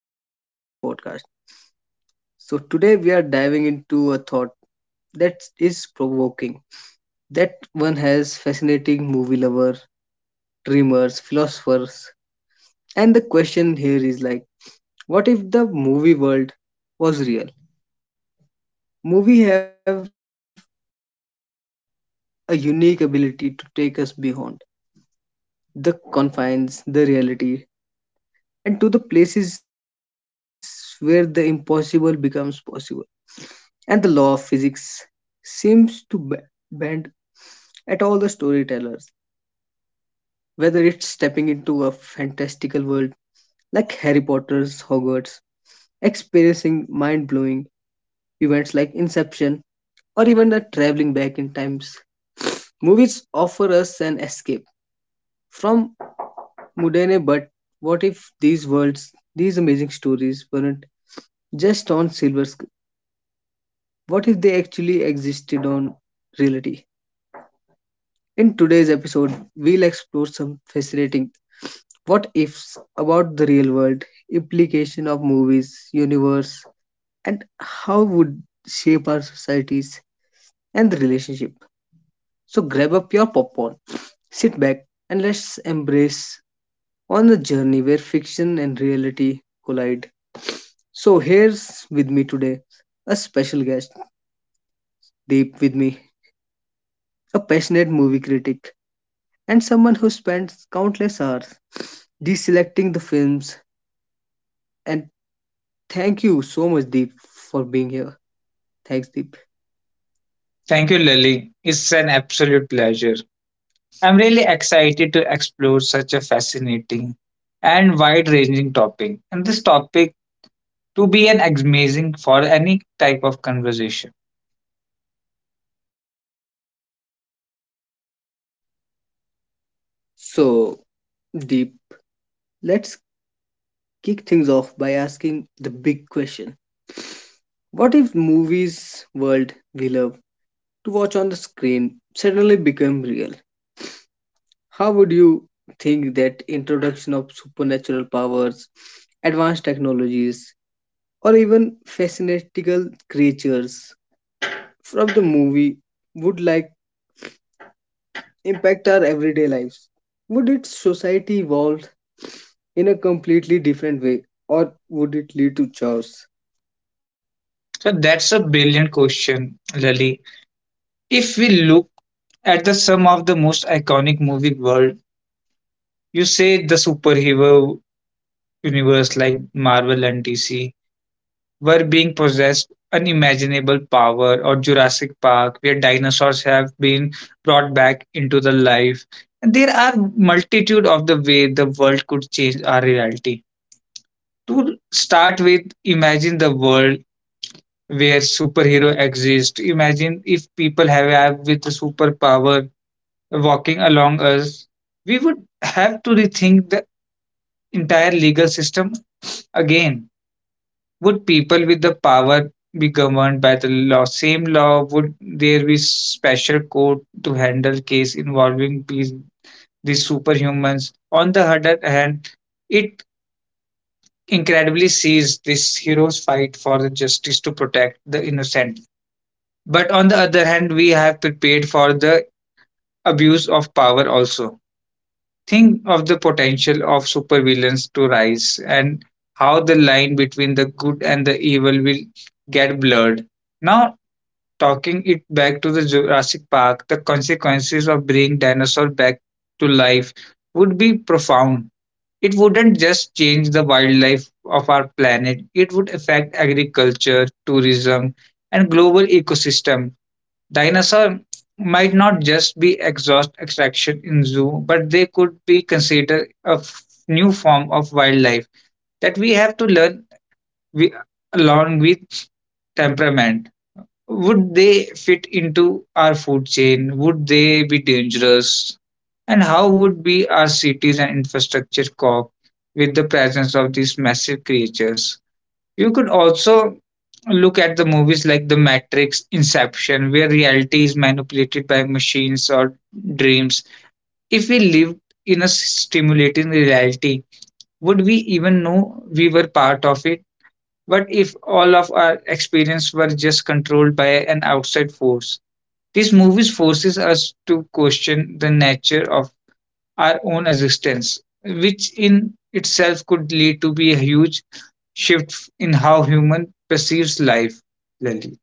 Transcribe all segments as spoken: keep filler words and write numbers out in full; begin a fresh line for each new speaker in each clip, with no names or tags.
exciting podcast. So, today we are diving into a thought that is provoking. That one has fascinating movie lover, dreamers, philosophers, and the question here is like, what if the movie world was real? Movie have a unique ability to take us beyond the confines, the reality, and to the places where the impossible becomes possible and the law of physics seems to b- bend at all the storytellers, whether it's stepping into a fantastical world like Harry Potter's Hogwarts, experiencing mind blowing events like Inception, or even the traveling back in times. Movies offer us an escape from mundane, but what if these worlds, these amazing stories, weren't just on silver screen? What if they actually existed on reality? In today's episode, we'll explore some fascinating what ifs about the real world, implication of movies, universe, and how would shape our societies and the relationship. So grab up your popcorn, sit back, and let's embrace on the journey where fiction and reality collide. So here's with me today a special guest, Deep with me, a passionate movie critic and someone who spends countless hours deselecting the films. And thank you so much, Deep, for being here. Thanks, Deep.
Thank you, Lily. It's an absolute pleasure. I'm really excited to explore such a fascinating and wide ranging topic, and this topic to be an amazing for any type of conversation.
So, Deep, let's kick things off by asking the big question. What if movies world we love to watch on the screen suddenly become real? How would you think that introduction of supernatural powers, advanced technologies, or even fascinating creatures from the movie would like impact our everyday lives? Would its society evolve in a completely different way or would it lead to chaos?
So, that's a brilliant question, Lily. If we look at the some of the most iconic movie world, you say the superhero universe like Marvel and D C, were being possessed unimaginable power, or Jurassic Park where dinosaurs have been brought back into the life. And there are multitude of the way the world could change our reality. To start with, imagine the world where superhero exist. Imagine if people have, have with a superpower walking along us, we would have to rethink the entire legal system again. Would people with the power be governed by the law, same law? Would there be special court to handle case involving these, these superhumans? On the other hand, it incredibly sees this hero's fight for the justice to protect the innocent. But on the other hand, we have prepared for the abuse of power also. Think of the potential of supervillains to rise and how the line between the good and the evil will get blurred. Now, talking it back to the Jurassic Park, the consequences of bringing dinosaurs back to life would be profound. It wouldn't just change the wildlife of our planet, it would affect agriculture, tourism, and global ecosystem. Dinosaurs might not just be exhaust extraction in zoo, but they could be considered a f- new form of wildlife that we have to learn wi- along with temperament. Would they fit into our food chain? Would they be dangerous? And how would be our cities and infrastructure cope with the presence of these massive creatures? You could also look at the movies like The Matrix, Inception, where reality is manipulated by machines or dreams. If we lived in a stimulating reality, would we even know we were part of it? What if all of our experience were just controlled by an outside force? These movies forces us to question the nature of our own existence, which in itself could lead to be a huge shift in how human perceives life. Lali.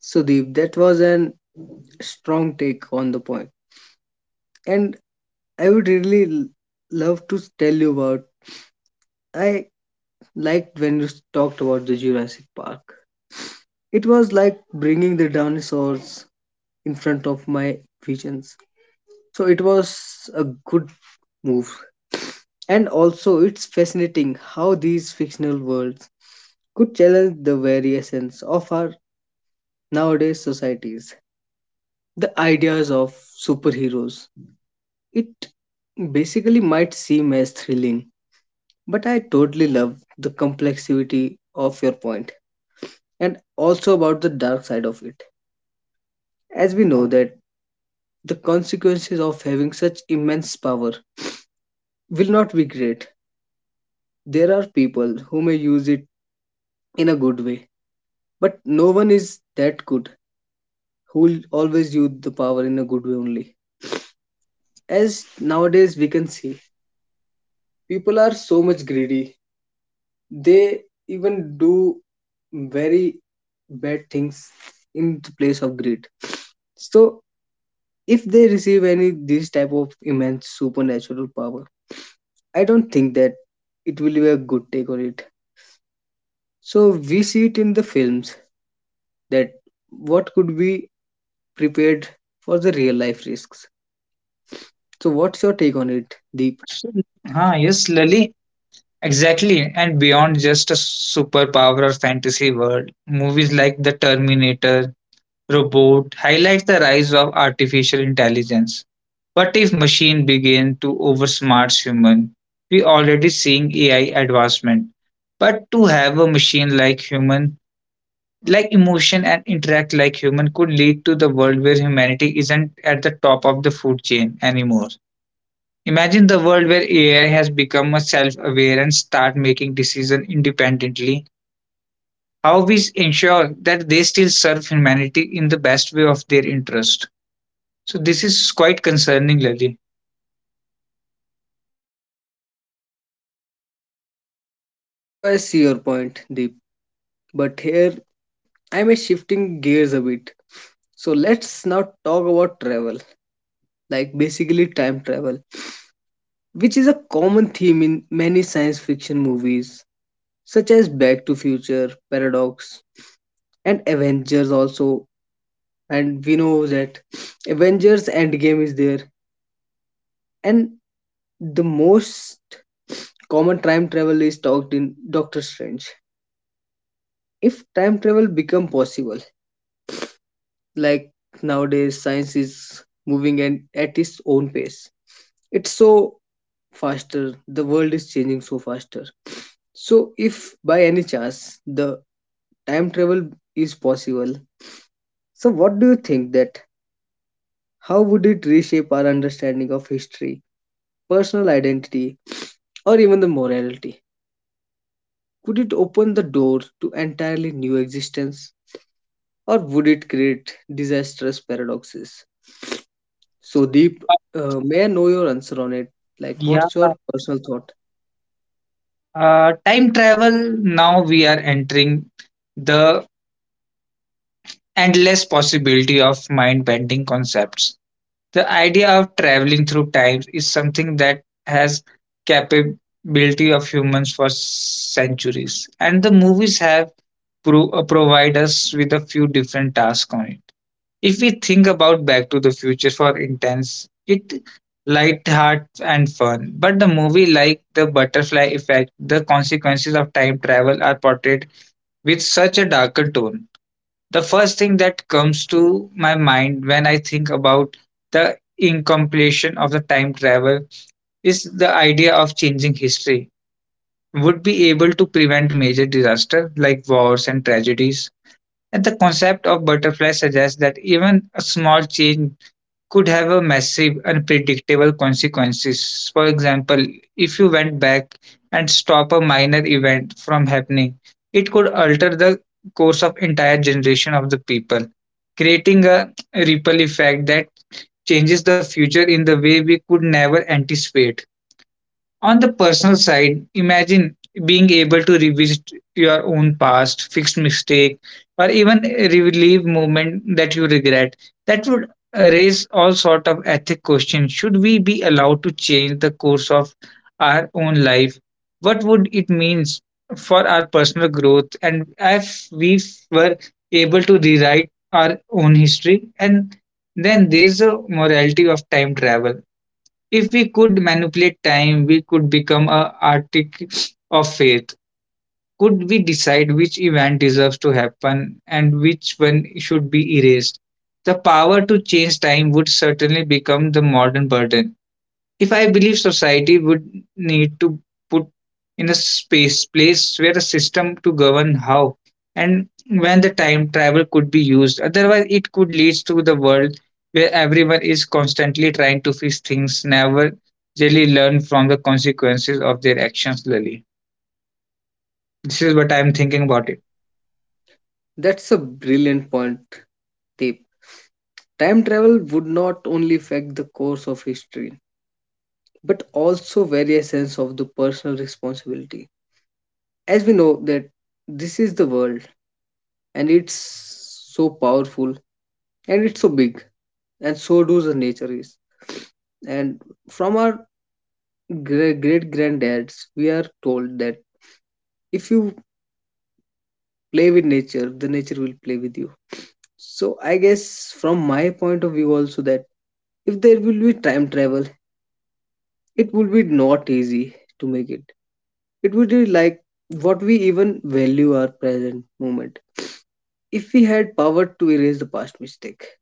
So, Deep, that was an strong take on the point. And I would really l- love to tell you about. I liked when you talked about the Jurassic Park. It was like bringing the dinosaurs in front of my visions. So it was a good move. And also, it's fascinating how these fictional worlds could challenge the very essence of our nowadays societies, the ideas of superheroes. It basically might seem as thrilling, but I totally love the complexity of your point and also about the dark side of it. As we know that the consequences of having such immense power will not be great. There are people who may use it in a good way, but no one is that good who will always use the power in a good way only, as nowadays we can see people are so much greedy. They even do very bad things in the place of greed. So if they receive any this type of immense supernatural power, I don't think that it will be a good take on it. So we see it in the films that what could be prepared for the real life risks. So what's your take on it, Deep?
So, ah, yes, Lali. Exactly, and beyond just a superpower or fantasy world, movies like The Terminator, Robot highlights the rise of artificial intelligence. But if machine begin to oversmart human? We already seeing A I advancement. But to have a machine like human, like emotion and interact like human could lead to the world where humanity isn't at the top of the food chain anymore. Imagine the world where A I has become a self-aware and start making decision independently. How we ensure that they still serve humanity in the best way of their interest. So this is quite concerning, Lily.
So I see your point, Deep, but here I'm shifting gears a bit. So let's now talk about travel, like basically time travel, which is a common theme in many science fiction movies, such as Back to Future, Paradox, and Avengers also. And we know that Avengers Endgame is there. And the most common time travel is talked in Doctor Strange. If time travel become possible, like nowadays science is moving and at its own pace. It's so faster. The world is changing so faster. So if by any chance the time travel is possible, so what do you think that how would it reshape our understanding of history, personal identity, or even the morality? Could it open the door to entirely new existence or would it create disastrous paradoxes? So Deep, uh, may I know your answer on it? Like
Yeah,
what's your personal thought?
uh, time travel. Now we are entering the endless possibility of mind bending concepts. The idea of traveling through time is something that has capability of humans for centuries, and the movies have pro- uh, provide us with a few different tasks on it. If we think about Back to the Future for intense, it light heart and fun. But the movie like the butterfly effect, the consequences of time travel are portrayed with such a darker tone. The first thing that comes to my mind when I think about the incompletion of the time travel is the idea of changing history would be able to prevent major disaster like wars and tragedies, and the concept of butterfly suggests that even a small change could have a massive unpredictable consequences. For example, if you went back and stop a minor event from happening, it could alter the course of entire generation of the people, creating a ripple effect that changes the future in the way we could never anticipate. On the personal side, imagine being able to revisit your own past, fixed mistake, or even relive moment that you regret. That would raise all sort of ethic questions. Should we be allowed to change the course of our own life? What would it means for our personal growth? And if we were able to rewrite our own history, and then there's a morality of time travel. If we could manipulate time, we could become a arctic of fate. Could we decide which event deserves to happen and which one should be erased? The power to change time would certainly become the modern burden. If I believe society would need to put in a space place where a system to govern how and when the time travel could be used. Otherwise, it could lead to the world where everyone is constantly trying to fix things, never really learn from the consequences of their actions, Lily. This is what I'm thinking about it.
That's a brilliant point, Deep. Time travel would not only affect the course of history, but also various sense of the personal responsibility. As we know that this is the world and it's so powerful and it's so big and so do the nature is. And from our great great granddads, we are told that if you play with nature, the nature will play with you. So I guess from my point of view also that if there will be time travel, it will be not easy to make it. It would be like what we even value our present moment. If we had power to erase the past mistake,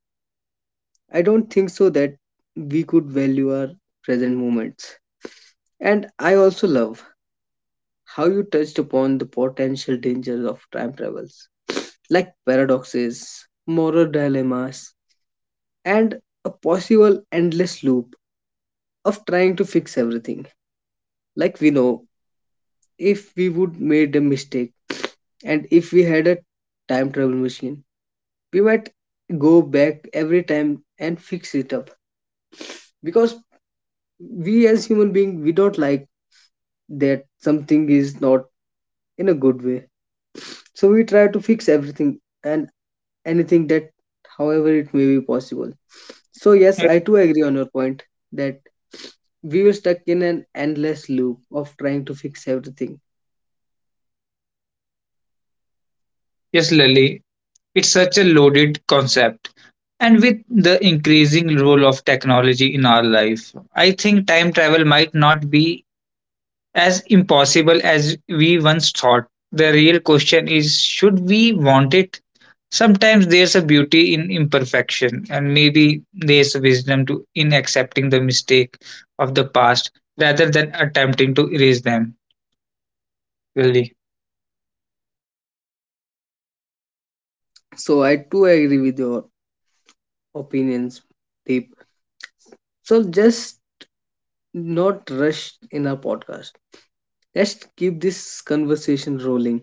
I don't think so that we could value our present moments. And I also love how you touched upon the potential dangers of time travels, like paradoxes, moral dilemmas, and a possible endless loop of trying to fix everything. Like we know, if we would made a mistake, and if we had a time travel machine, we might go back every time and fix it up, because we as human being we don't like that something is not in a good way. So we try to fix everything and anything that however it may be possible. So yes, I too agree on your point that we were stuck in an endless loop of trying to fix everything.
Yes, Lily, it's such a loaded concept. And with the increasing role of technology in our life, I think time travel might not be as impossible as we once thought. The real question is should we want it? Sometimes there's a beauty in imperfection, and maybe there's wisdom to, in accepting the mistake of the past rather than attempting to erase them. Really.
So I too agree with your opinions, Deep. So just not rush in our podcast. Let's keep this conversation rolling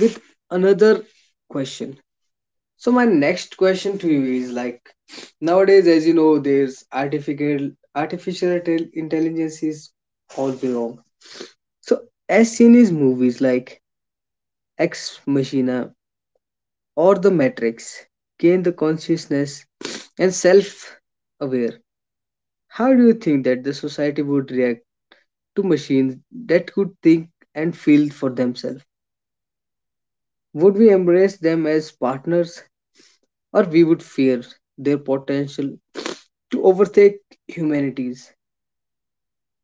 with another question. So my next question to you is like, nowadays as you know there's artificial artificial tel- intelligence is all around. So as seen in movies like Ex Machina or The Matrix, gain the consciousness and self aware. How do you think that the society would react to machines that could think and feel for themselves? Would we embrace them as partners or we would fear their potential to overtake humanities?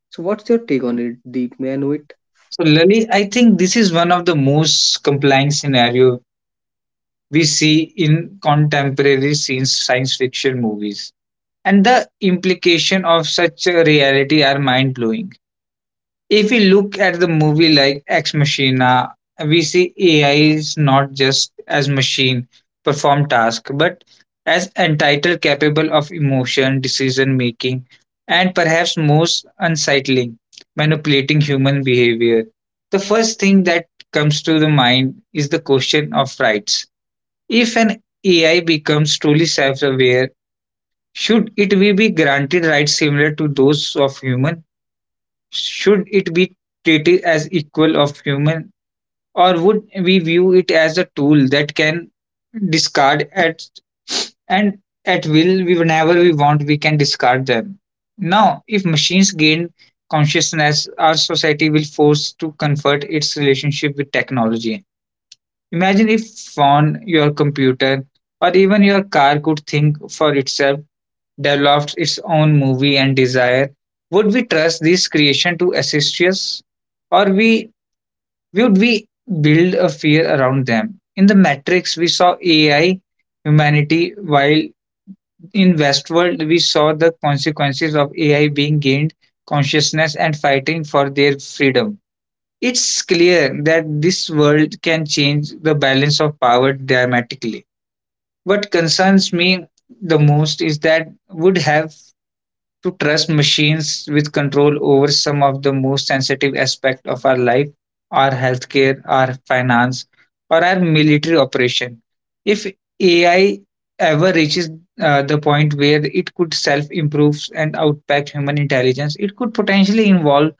So what's your take on it, Deep? May I know it?
So, Lali, I think this is one of the most compelling scenario we see in contemporary science science fiction movies, and the implication of such a reality are mind blowing. If we look at the movie like Ex Machina, we see A I is not just as machine perform task, but as entitled capable of emotion, decision making, and perhaps most unsettling, manipulating human behavior. The first thing that comes to the mind is the question of rights. If an A I becomes truly self-aware, should it be be granted rights similar to those of human? Should it be treated as equal of human, or would we view it as a tool that can discard at and at will, we whenever we want we can discard them. Now if machines gain consciousness, our society will force to convert its relationship with technology. Imagine if phone, your computer, or even your car could think for itself, developed its own movie and desire, would we trust this creation to assist us? Or we would we build a fear around them? In the Matrix, we saw A I humanity, while in Westworld, we saw the consequences of A I being gained consciousness and fighting for their freedom. It's clear that this world can change the balance of power dramatically. What concerns me the most is that would have to trust machines with control over some of the most sensitive aspects of our life, our healthcare, our finance, or our military operation. If A I ever reaches uh, the point where it could self improve and outpack human intelligence, it could potentially involve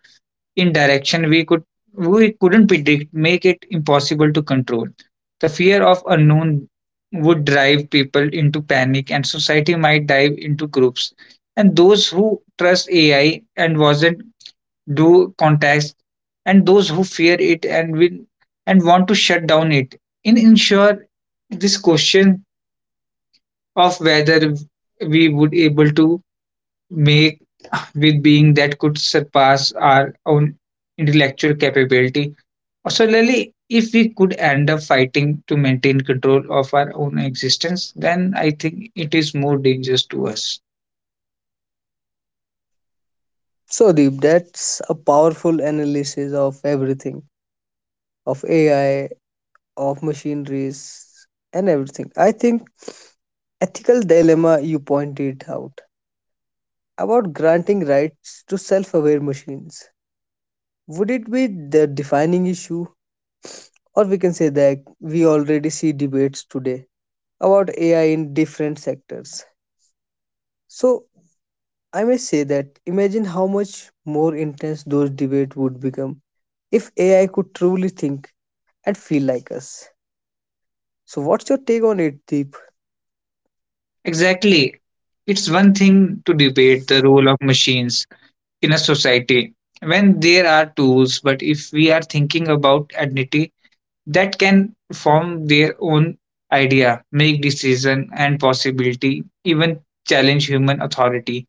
in direction we could we couldn't predict, make it impossible to control. The fear of unknown would drive people into panic and society might dive into groups. And those who trust A I and wasn't do contacts, and those who fear it and will and want to shut down it. In ensure this question of whether we would able to make with being that could surpass our own intellectual capability. Similarly, if we could end up fighting to maintain control of our own existence, then I think it is more dangerous to us.
So, Deep, that's a powerful analysis of everything, of A I, of machineries, and everything. I think ethical dilemma you pointed out about granting rights to self-aware machines. Would it be the defining issue, or we can say that we already see debates today about A I in different sectors. So I may say that imagine how much more intense those debates would become if A I could truly think and feel like us. So what's your take on it, Deep?
Exactly. It's one thing to debate the role of machines in a society when there are tools, but if we are thinking about identity, that can form their own idea, make decision and possibility, even challenge human authority,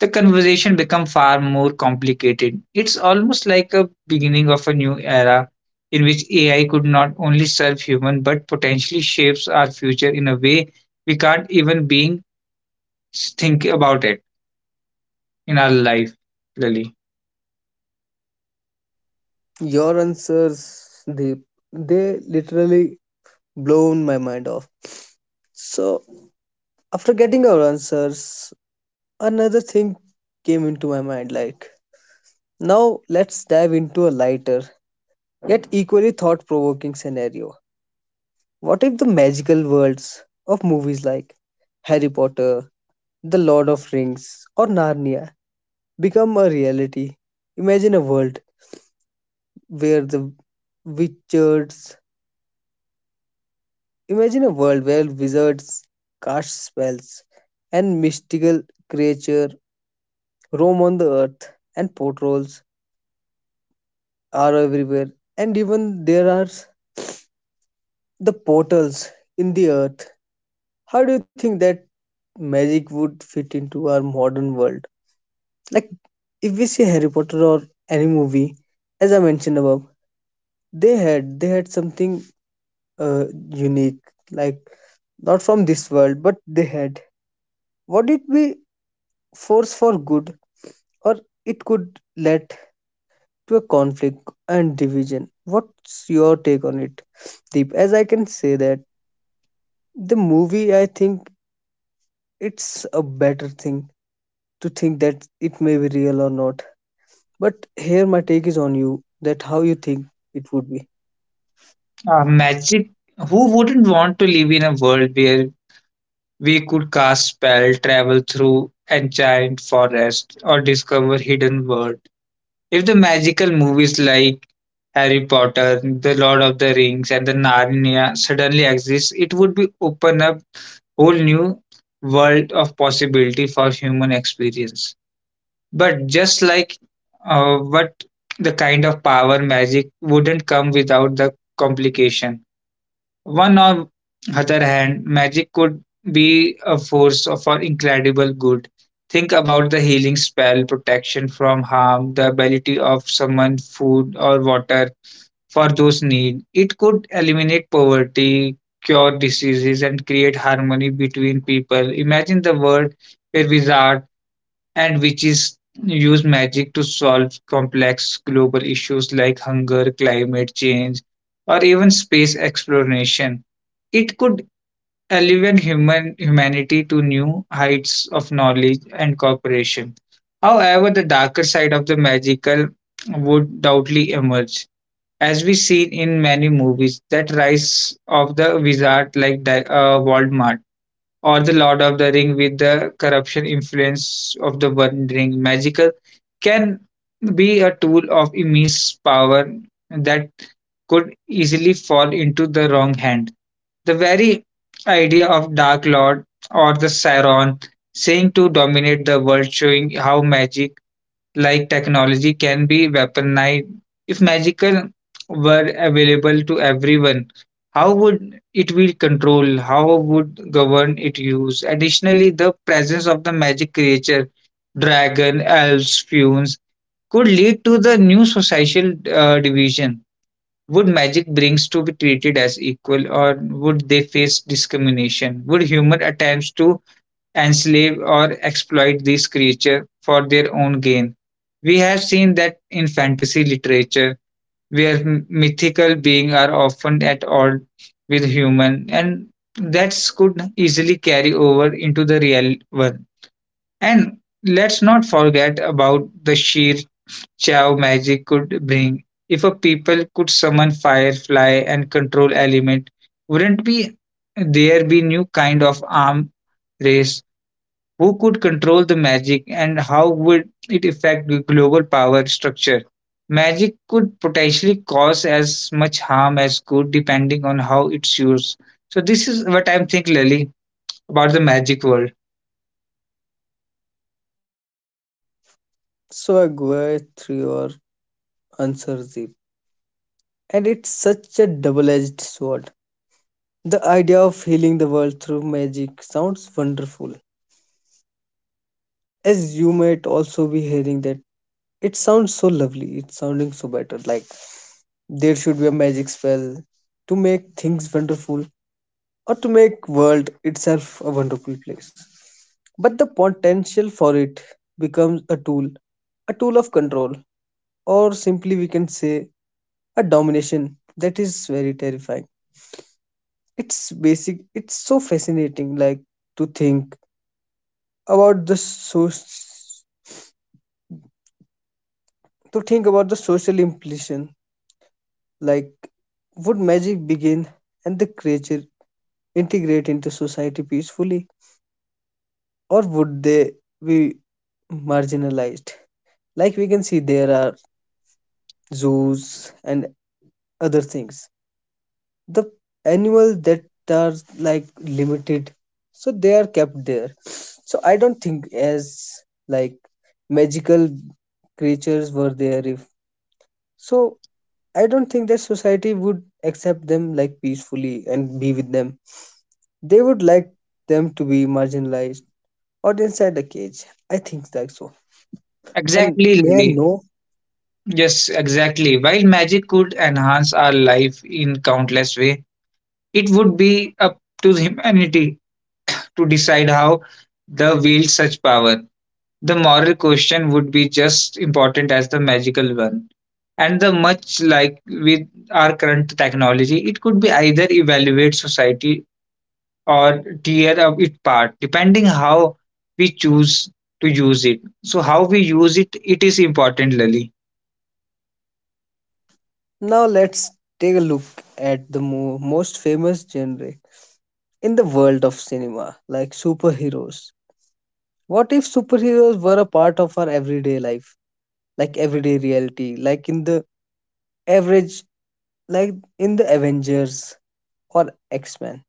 the conversation become far more complicated. It's almost like a beginning of a new era in which A I could not only serve human but potentially shapes our future in a way we can't even being think about it in our life. Really.
Your answers, Deep, they literally blown my mind off. So after getting our answers, another thing came into my mind like, now let's dive into a lighter yet equally thought provoking scenario. What if the magical worlds of movies like Harry Potter, The Lord of Rings, or Narnia become a reality? Imagine a world where the wizards, imagine a world where wizards cast spells and mystical creature roam on the earth and portals are everywhere and even there are the portals in the earth. How do you think that magic would fit into our modern world? Like if we see Harry Potter or any movie, as I mentioned above, they had they had something uh, unique, like not from this world, but they had. Would it be force for good, or it could lead to a conflict and division? What's your take on it, Deep? As I can say that the movie, I think it's a better thing to think that it may be real or not. But here my take is on you that how you think it would be.
Uh, magic. Who wouldn't want to live in a world where we could cast spell, travel through enchanted forest, or discover hidden worlds? If the magical movies like Harry Potter, The Lord of the Rings, and the Narnia suddenly exist, it would be open up whole new world of possibility for human experience. But just like uh, what, the kind of power magic wouldn't come without the complication. One on other hand, magic could be a force for incredible good. Think about the healing spell, protection from harm, the ability of someone food or water for those need. It could eliminate poverty, cure diseases, and create harmony between people. Imagine the world where wizards and which is use magic to solve complex global issues like hunger, climate change, or even space exploration. It could elevate human humanity to new heights of knowledge and cooperation. However, the darker side of the magical would doubtly emerge, as we see in many movies that rise of the wizard like Di- uh, Voldemort or the Lord of the Ring with the corruption influence of the One Ring. Magical can be a tool of immense power that could easily fall into the wrong hand. The very idea of Dark Lord or the Sauron saying to dominate the world, showing how magic like technology can be weaponized. If magical were available to everyone, how would it be controlled? How would govern it use? Additionally, the presence of the magic creature, dragon, elves, fumes, could lead to the new social uh, division. Would magic brings to be treated as equal, or would they face discrimination? Would human attempts to enslave or exploit these creatures for their own gain. We have seen that in fantasy literature, where mythical beings are often at odds with human, and that could easily carry over into the real world. And let's not forget about the sheer chow magic could bring. If a people could summon firefly and control element, wouldn't be there be new kind of arm race who could control the magic, and how would it affect the global power structure? Magic could potentially cause as much harm as good depending on how it's used. So this is what I'm thinking, Lily, about the magic world.
So I go through your answer, Zip. And it's such a double edged sword. The idea of healing the world through magic sounds wonderful. As you might also be hearing that it sounds so lovely, it's sounding so better. Like there should be a magic spell to make things wonderful or to make world itself a wonderful place. But the potential for it becomes a tool, a tool of control, or simply we can say a domination that is very terrifying. It's basic. It's so fascinating, like to think about the so to think about the social implication. Like, would magic begin and the creature integrate into society peacefully, or would they be marginalized? Like we can see, there are zoos and other things, the animals that are like limited, so they are kept there. So I don't think as like magical creatures were there, if so, I don't think that society would accept them like peacefully and be with them. They would like them to be marginalized or inside the cage, I think, like so. And
Exactly,
may I
Lily.
know,
Yes, exactly. While magic could enhance our life in countless ways, it would be up to humanity to decide how they wield such power. The moral question would be just important as the magical one. And the much like with our current technology, it could be either evaluate society or tear up it part, depending how we choose to use it. So how we use it, it is important, Lali.
now let's take a look at the mo- most famous genre in the world of cinema, like superheroes. What if superheroes were a part of our everyday life, like everyday reality, like in the average, like in the Avengers or X Men?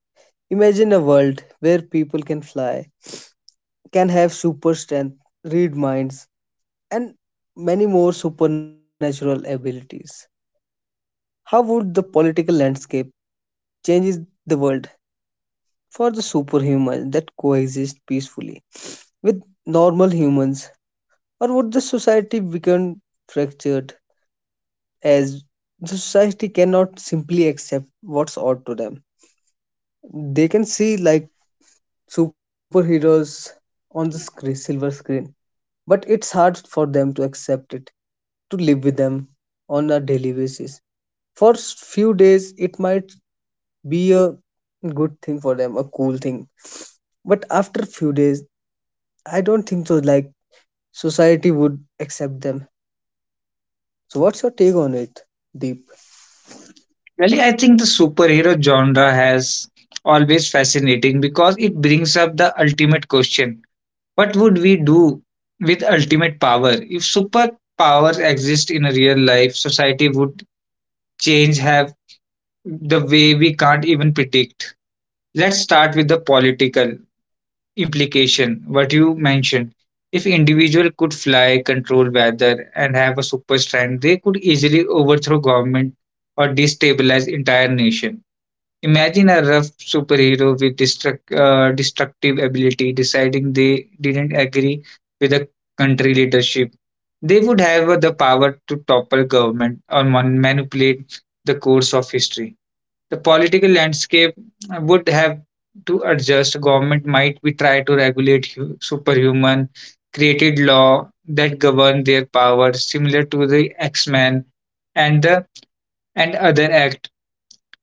Imagine a world where people can fly, can have super strength, read minds, and many more supernatural abilities. How would the political landscape change the world for the superhumans that coexist peacefully with normal humans? Or would the society become fractured as the society cannot simply accept what's owed to them. They can see like superheroes on the screen, silver screen, but it's hard for them to accept it, to live with them on a daily basis. For s- few days, it might be a good thing for them, a cool thing, but after few days, I don't think so. Like society would accept them. So, what's your take on it, Deep?
Lali, I think the superhero genre has always fascinating because it brings up the ultimate question. What would we do with ultimate power? If superpowers exist in a real life, society would change have the way we can't even predict. Let's start with the political implication, what you mentioned. If individual could fly, control weather, and have a super strength, they could easily overthrow government or destabilize entire nation. Imagine a rough superhero with destruct, uh, destructive ability deciding they didn't agree with the country leadership. They would have the power to topple government or man- manipulate the course of history. The political landscape would have to adjust. Government might be try to regulate hu- superhuman, created law that govern their powers, similar to the X-Men and the and other act.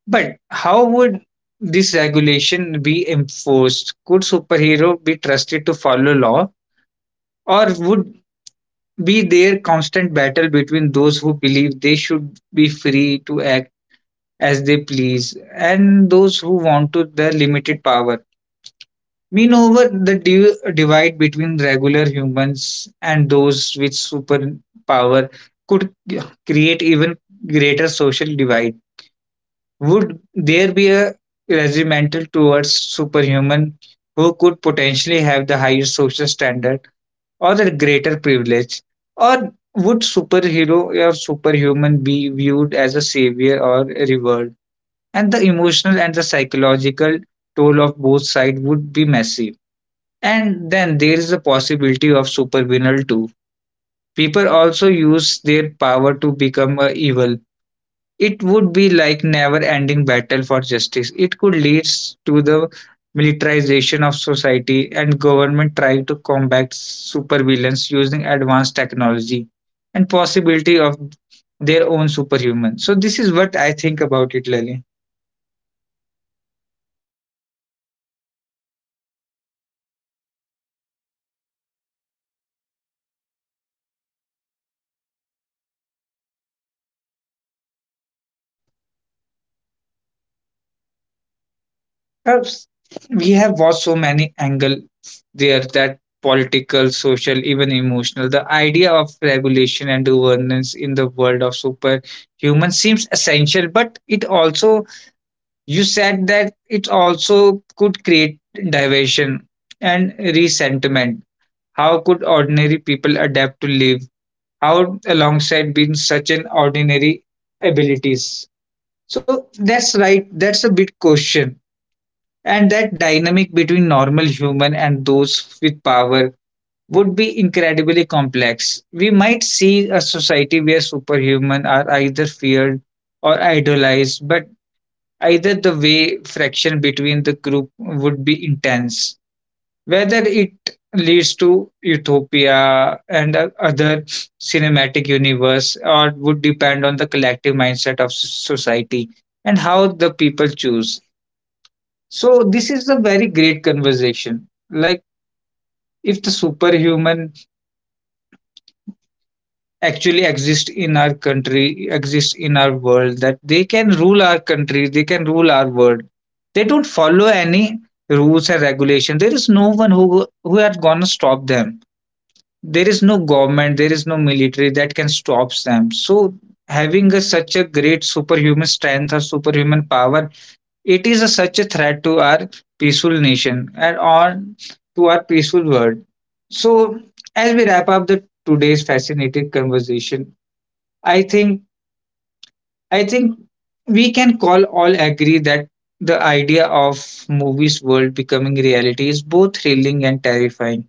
But how would this regulation be enforced? Could superhero be trusted to follow law, or would be there constant battle between those who believe they should be free to act as they please, and those who want to the limited power? Meanwhile, the div- divide between regular humans and those with superpower could create even greater social divide. Would there be a regimental towards superhuman who could potentially have the higher social standard or the greater privilege? Or would superhero or superhuman be viewed as a savior or a reward? And the emotional and the psychological toll of both sides would be massive. And then there is the possibility of supervillain too. People also use their power to become uh, evil. It would be like never-ending battle for justice. It could lead to the militarization of society and government trying to combat supervillains using advanced technology and possibility of their own superhuman. So this is what I think about it, Lali. Perhaps we have watched so many angle there: that political, social, even emotional. The idea of regulation and governance in the world of superhuman seems essential, but it also, you said that it also could create diversion and resentment. How could ordinary people adapt to live? How alongside being such an ordinary abilities? So that's right. That's a big question, and that dynamic between normal human and those with power would be incredibly complex. We might see a society where superhuman are either feared or idolized, but either the way friction between the group would be intense. Whether it leads to utopia and uh, other cinematic universe or would depend on the collective mindset of s- society and how the people choose. So this is a very great conversation. Like, if the superhuman actually exist in our country, exist in our world, that they can rule our country, they can rule our world. They don't follow any rules and regulation. There is no one who who are gonna stop them. There is no government, there is no military that can stop them. So having a, such a great superhuman strength or superhuman power, it is a, such a threat to our peaceful nation and on to our peaceful world. So, as we wrap up the today's fascinating conversation, I think I think we can call all agree that the idea of movies world becoming reality is both thrilling and terrifying.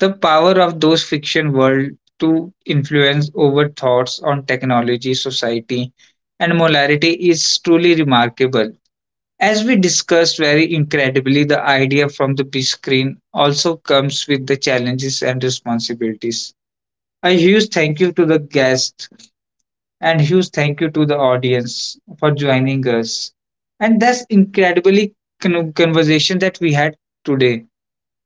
The power of those fiction world to influence over thoughts on technology, society, and morality is truly remarkable. As we discussed very incredibly, the idea from the big screen also comes with the challenges and responsibilities. A huge thank you to the guest and huge thank you to the audience for joining us. And that's incredibly con- conversation that we had today.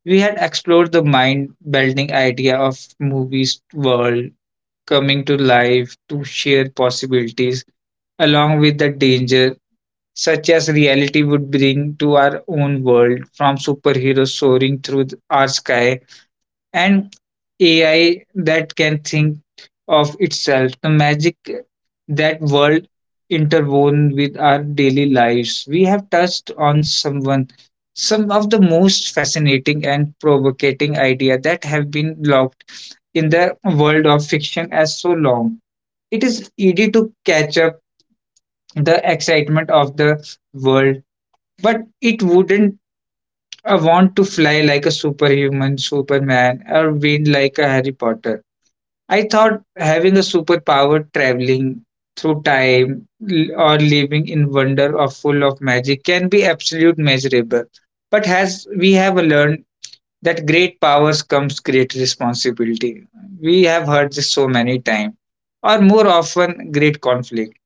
We had explored the mind bending idea of movies world coming to life to share possibilities along with the danger such as reality would bring to our own world, from superheroes soaring through th- our sky and A I that can think of itself, the magic that world interwoven with our daily lives. We have touched on someone, some of the most fascinating and provocating idea that have been locked in the world of fiction as so long. It is easy to catch up the excitement of the world, but it wouldn't uh, want to fly like a superhuman, Superman, or win like a Harry Potter. I thought having a superpower, traveling through time l- or living in wonder or full of magic, can be absolute measurable. But as we have learned that great powers comes great responsibility. We have heard this so many times, or more often, great conflict.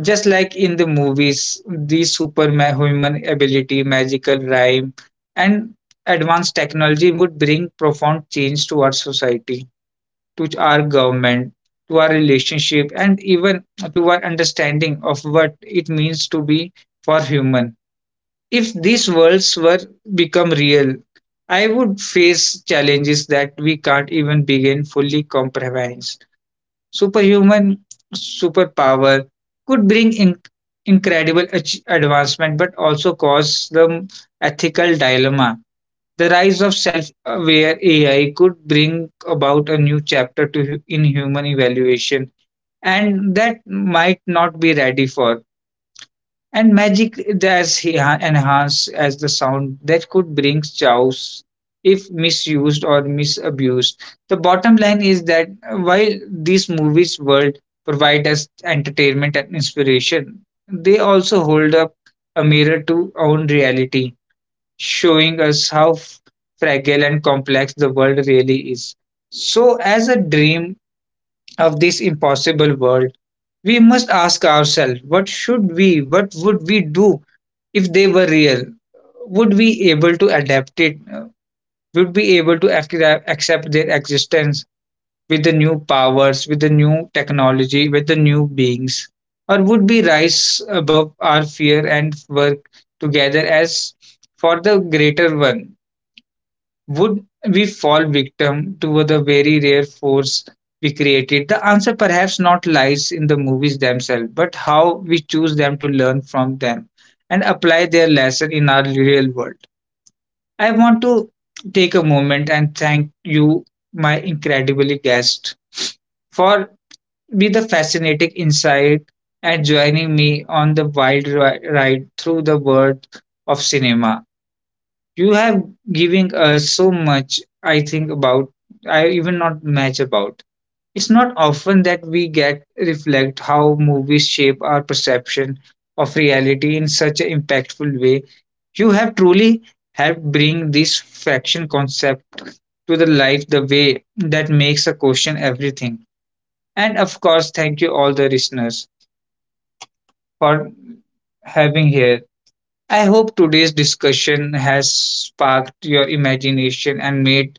Just like in the movies, the superhuman ability, magical rhyme, and advanced technology would bring profound change to our society, to our government, to our relationship, and even to our understanding of what it means to be for human. If these worlds were become real, I would face challenges that we can't even begin fully comprehend. Superhuman superpower could bring in- incredible ach- advancement, but also cause the ethical dilemma. The rise of self aware A I could bring about a new chapter to hu- in human evaluation, and that might not be ready for. And magic does he ha- enhance as the sound that could bring chaos if misused or misabused. The bottom line is that while these movies world provide us entertainment and inspiration, they also hold up a mirror to own reality, showing us how f- fragile and complex the world really is. So, as a dream of this impossible world, we must ask ourselves, what should we, what would we do if they were real? Would we able to adapt it? Uh, would be able to ac- accept their existence with the new powers, with the new technology, with the new beings, or would we rise above our fear and work together as for the greater one? Would we fall victim to the very rare force we created? The answer perhaps not lies in the movies themselves, but how we choose them to learn from them and apply their lesson in our real world. I want to take a moment and thank you, my incredibly guest, for with the fascinating insight and joining me on the wild ri- ride through the world of cinema. You have given us so much I think about, I even not match about. It's not often that we get reflect how movies shape our perception of reality in such an impactful way. You have truly helped bring this faction concept to the life the way that makes a question everything. And of course, thank you all the listeners for having here. I hope today's discussion has sparked your imagination and made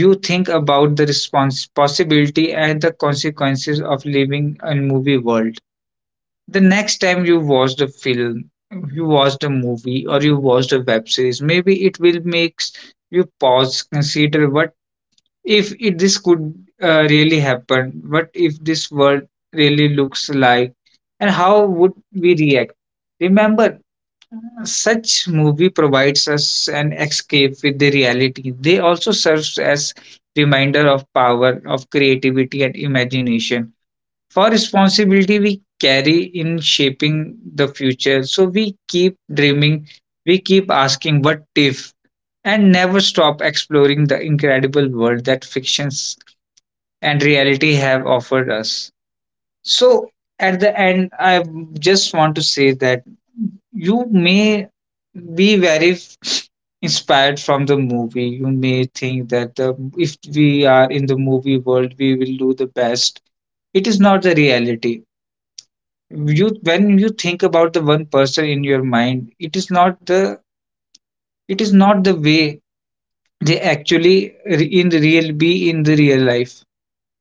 you think about the response, possibility and the consequences of living in movie world. The next time you watch the film, you watch the movie, or you watch the web series, maybe it will make you pause, consider what if it, this could uh, really happen, what if this world really looks like, and how would we react? Remember, such movie provides us an escape with the reality. They also serves as reminder of power of creativity and imagination. For responsibility we carry in shaping the future. So we keep dreaming, we keep asking what if, and never stop exploring the incredible world that fictions and reality have offered us. So at the end, I just want to say that you may be very inspired from the movie. You may think that the, if we are in the movie world, we will do the best. It is not the reality. You, when you think about the one person in your mind, it is not the it is not the way they actually re- in the real, be in the real life.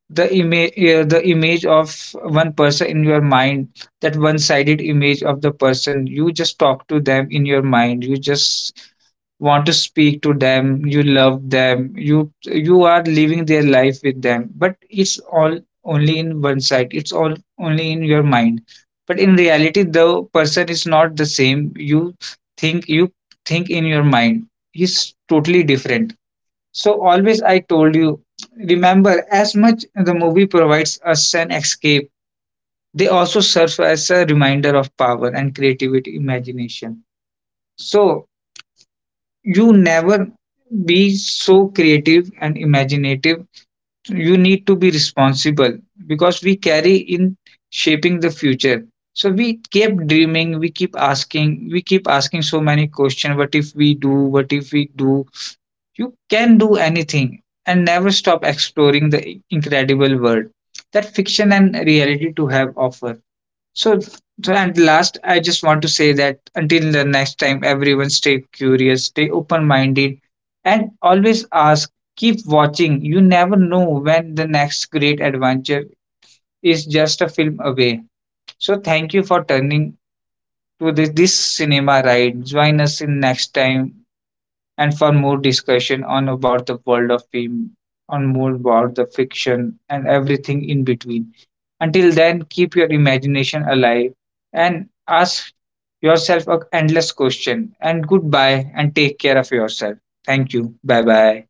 The image, uh, the image of one person in your mind, that one sided image of the person, you just talk to them in your mind, you just want to speak to them, you love them, you you are living their life with them, but it's all only in one side, it's all only in your mind. But in reality the person is not the same. You think you think in your mind he's totally different. So always I told you, remember as much the movie provides us an escape, they also serve as a reminder of power and creativity, imagination. So you never be so creative and imaginative. You need to be responsible because we carry in shaping the future. So we keep dreaming, we keep asking, we keep asking so many questions. What if we do? What if we do? You can do anything, and never stop exploring the incredible world that fiction and reality to have offer. So, so and last, I just want to say that until the next time, everyone, stay curious, stay open minded, and always ask, keep watching. You never know when the next great adventure is just a film away. So, thank you for turning to this, this cinema ride. Join us in next time and for more discussion on about the world of film, on more about the fiction and everything in between. Until then, keep your imagination alive and ask yourself a endless question. And goodbye and take care of yourself. Thank you. Bye bye.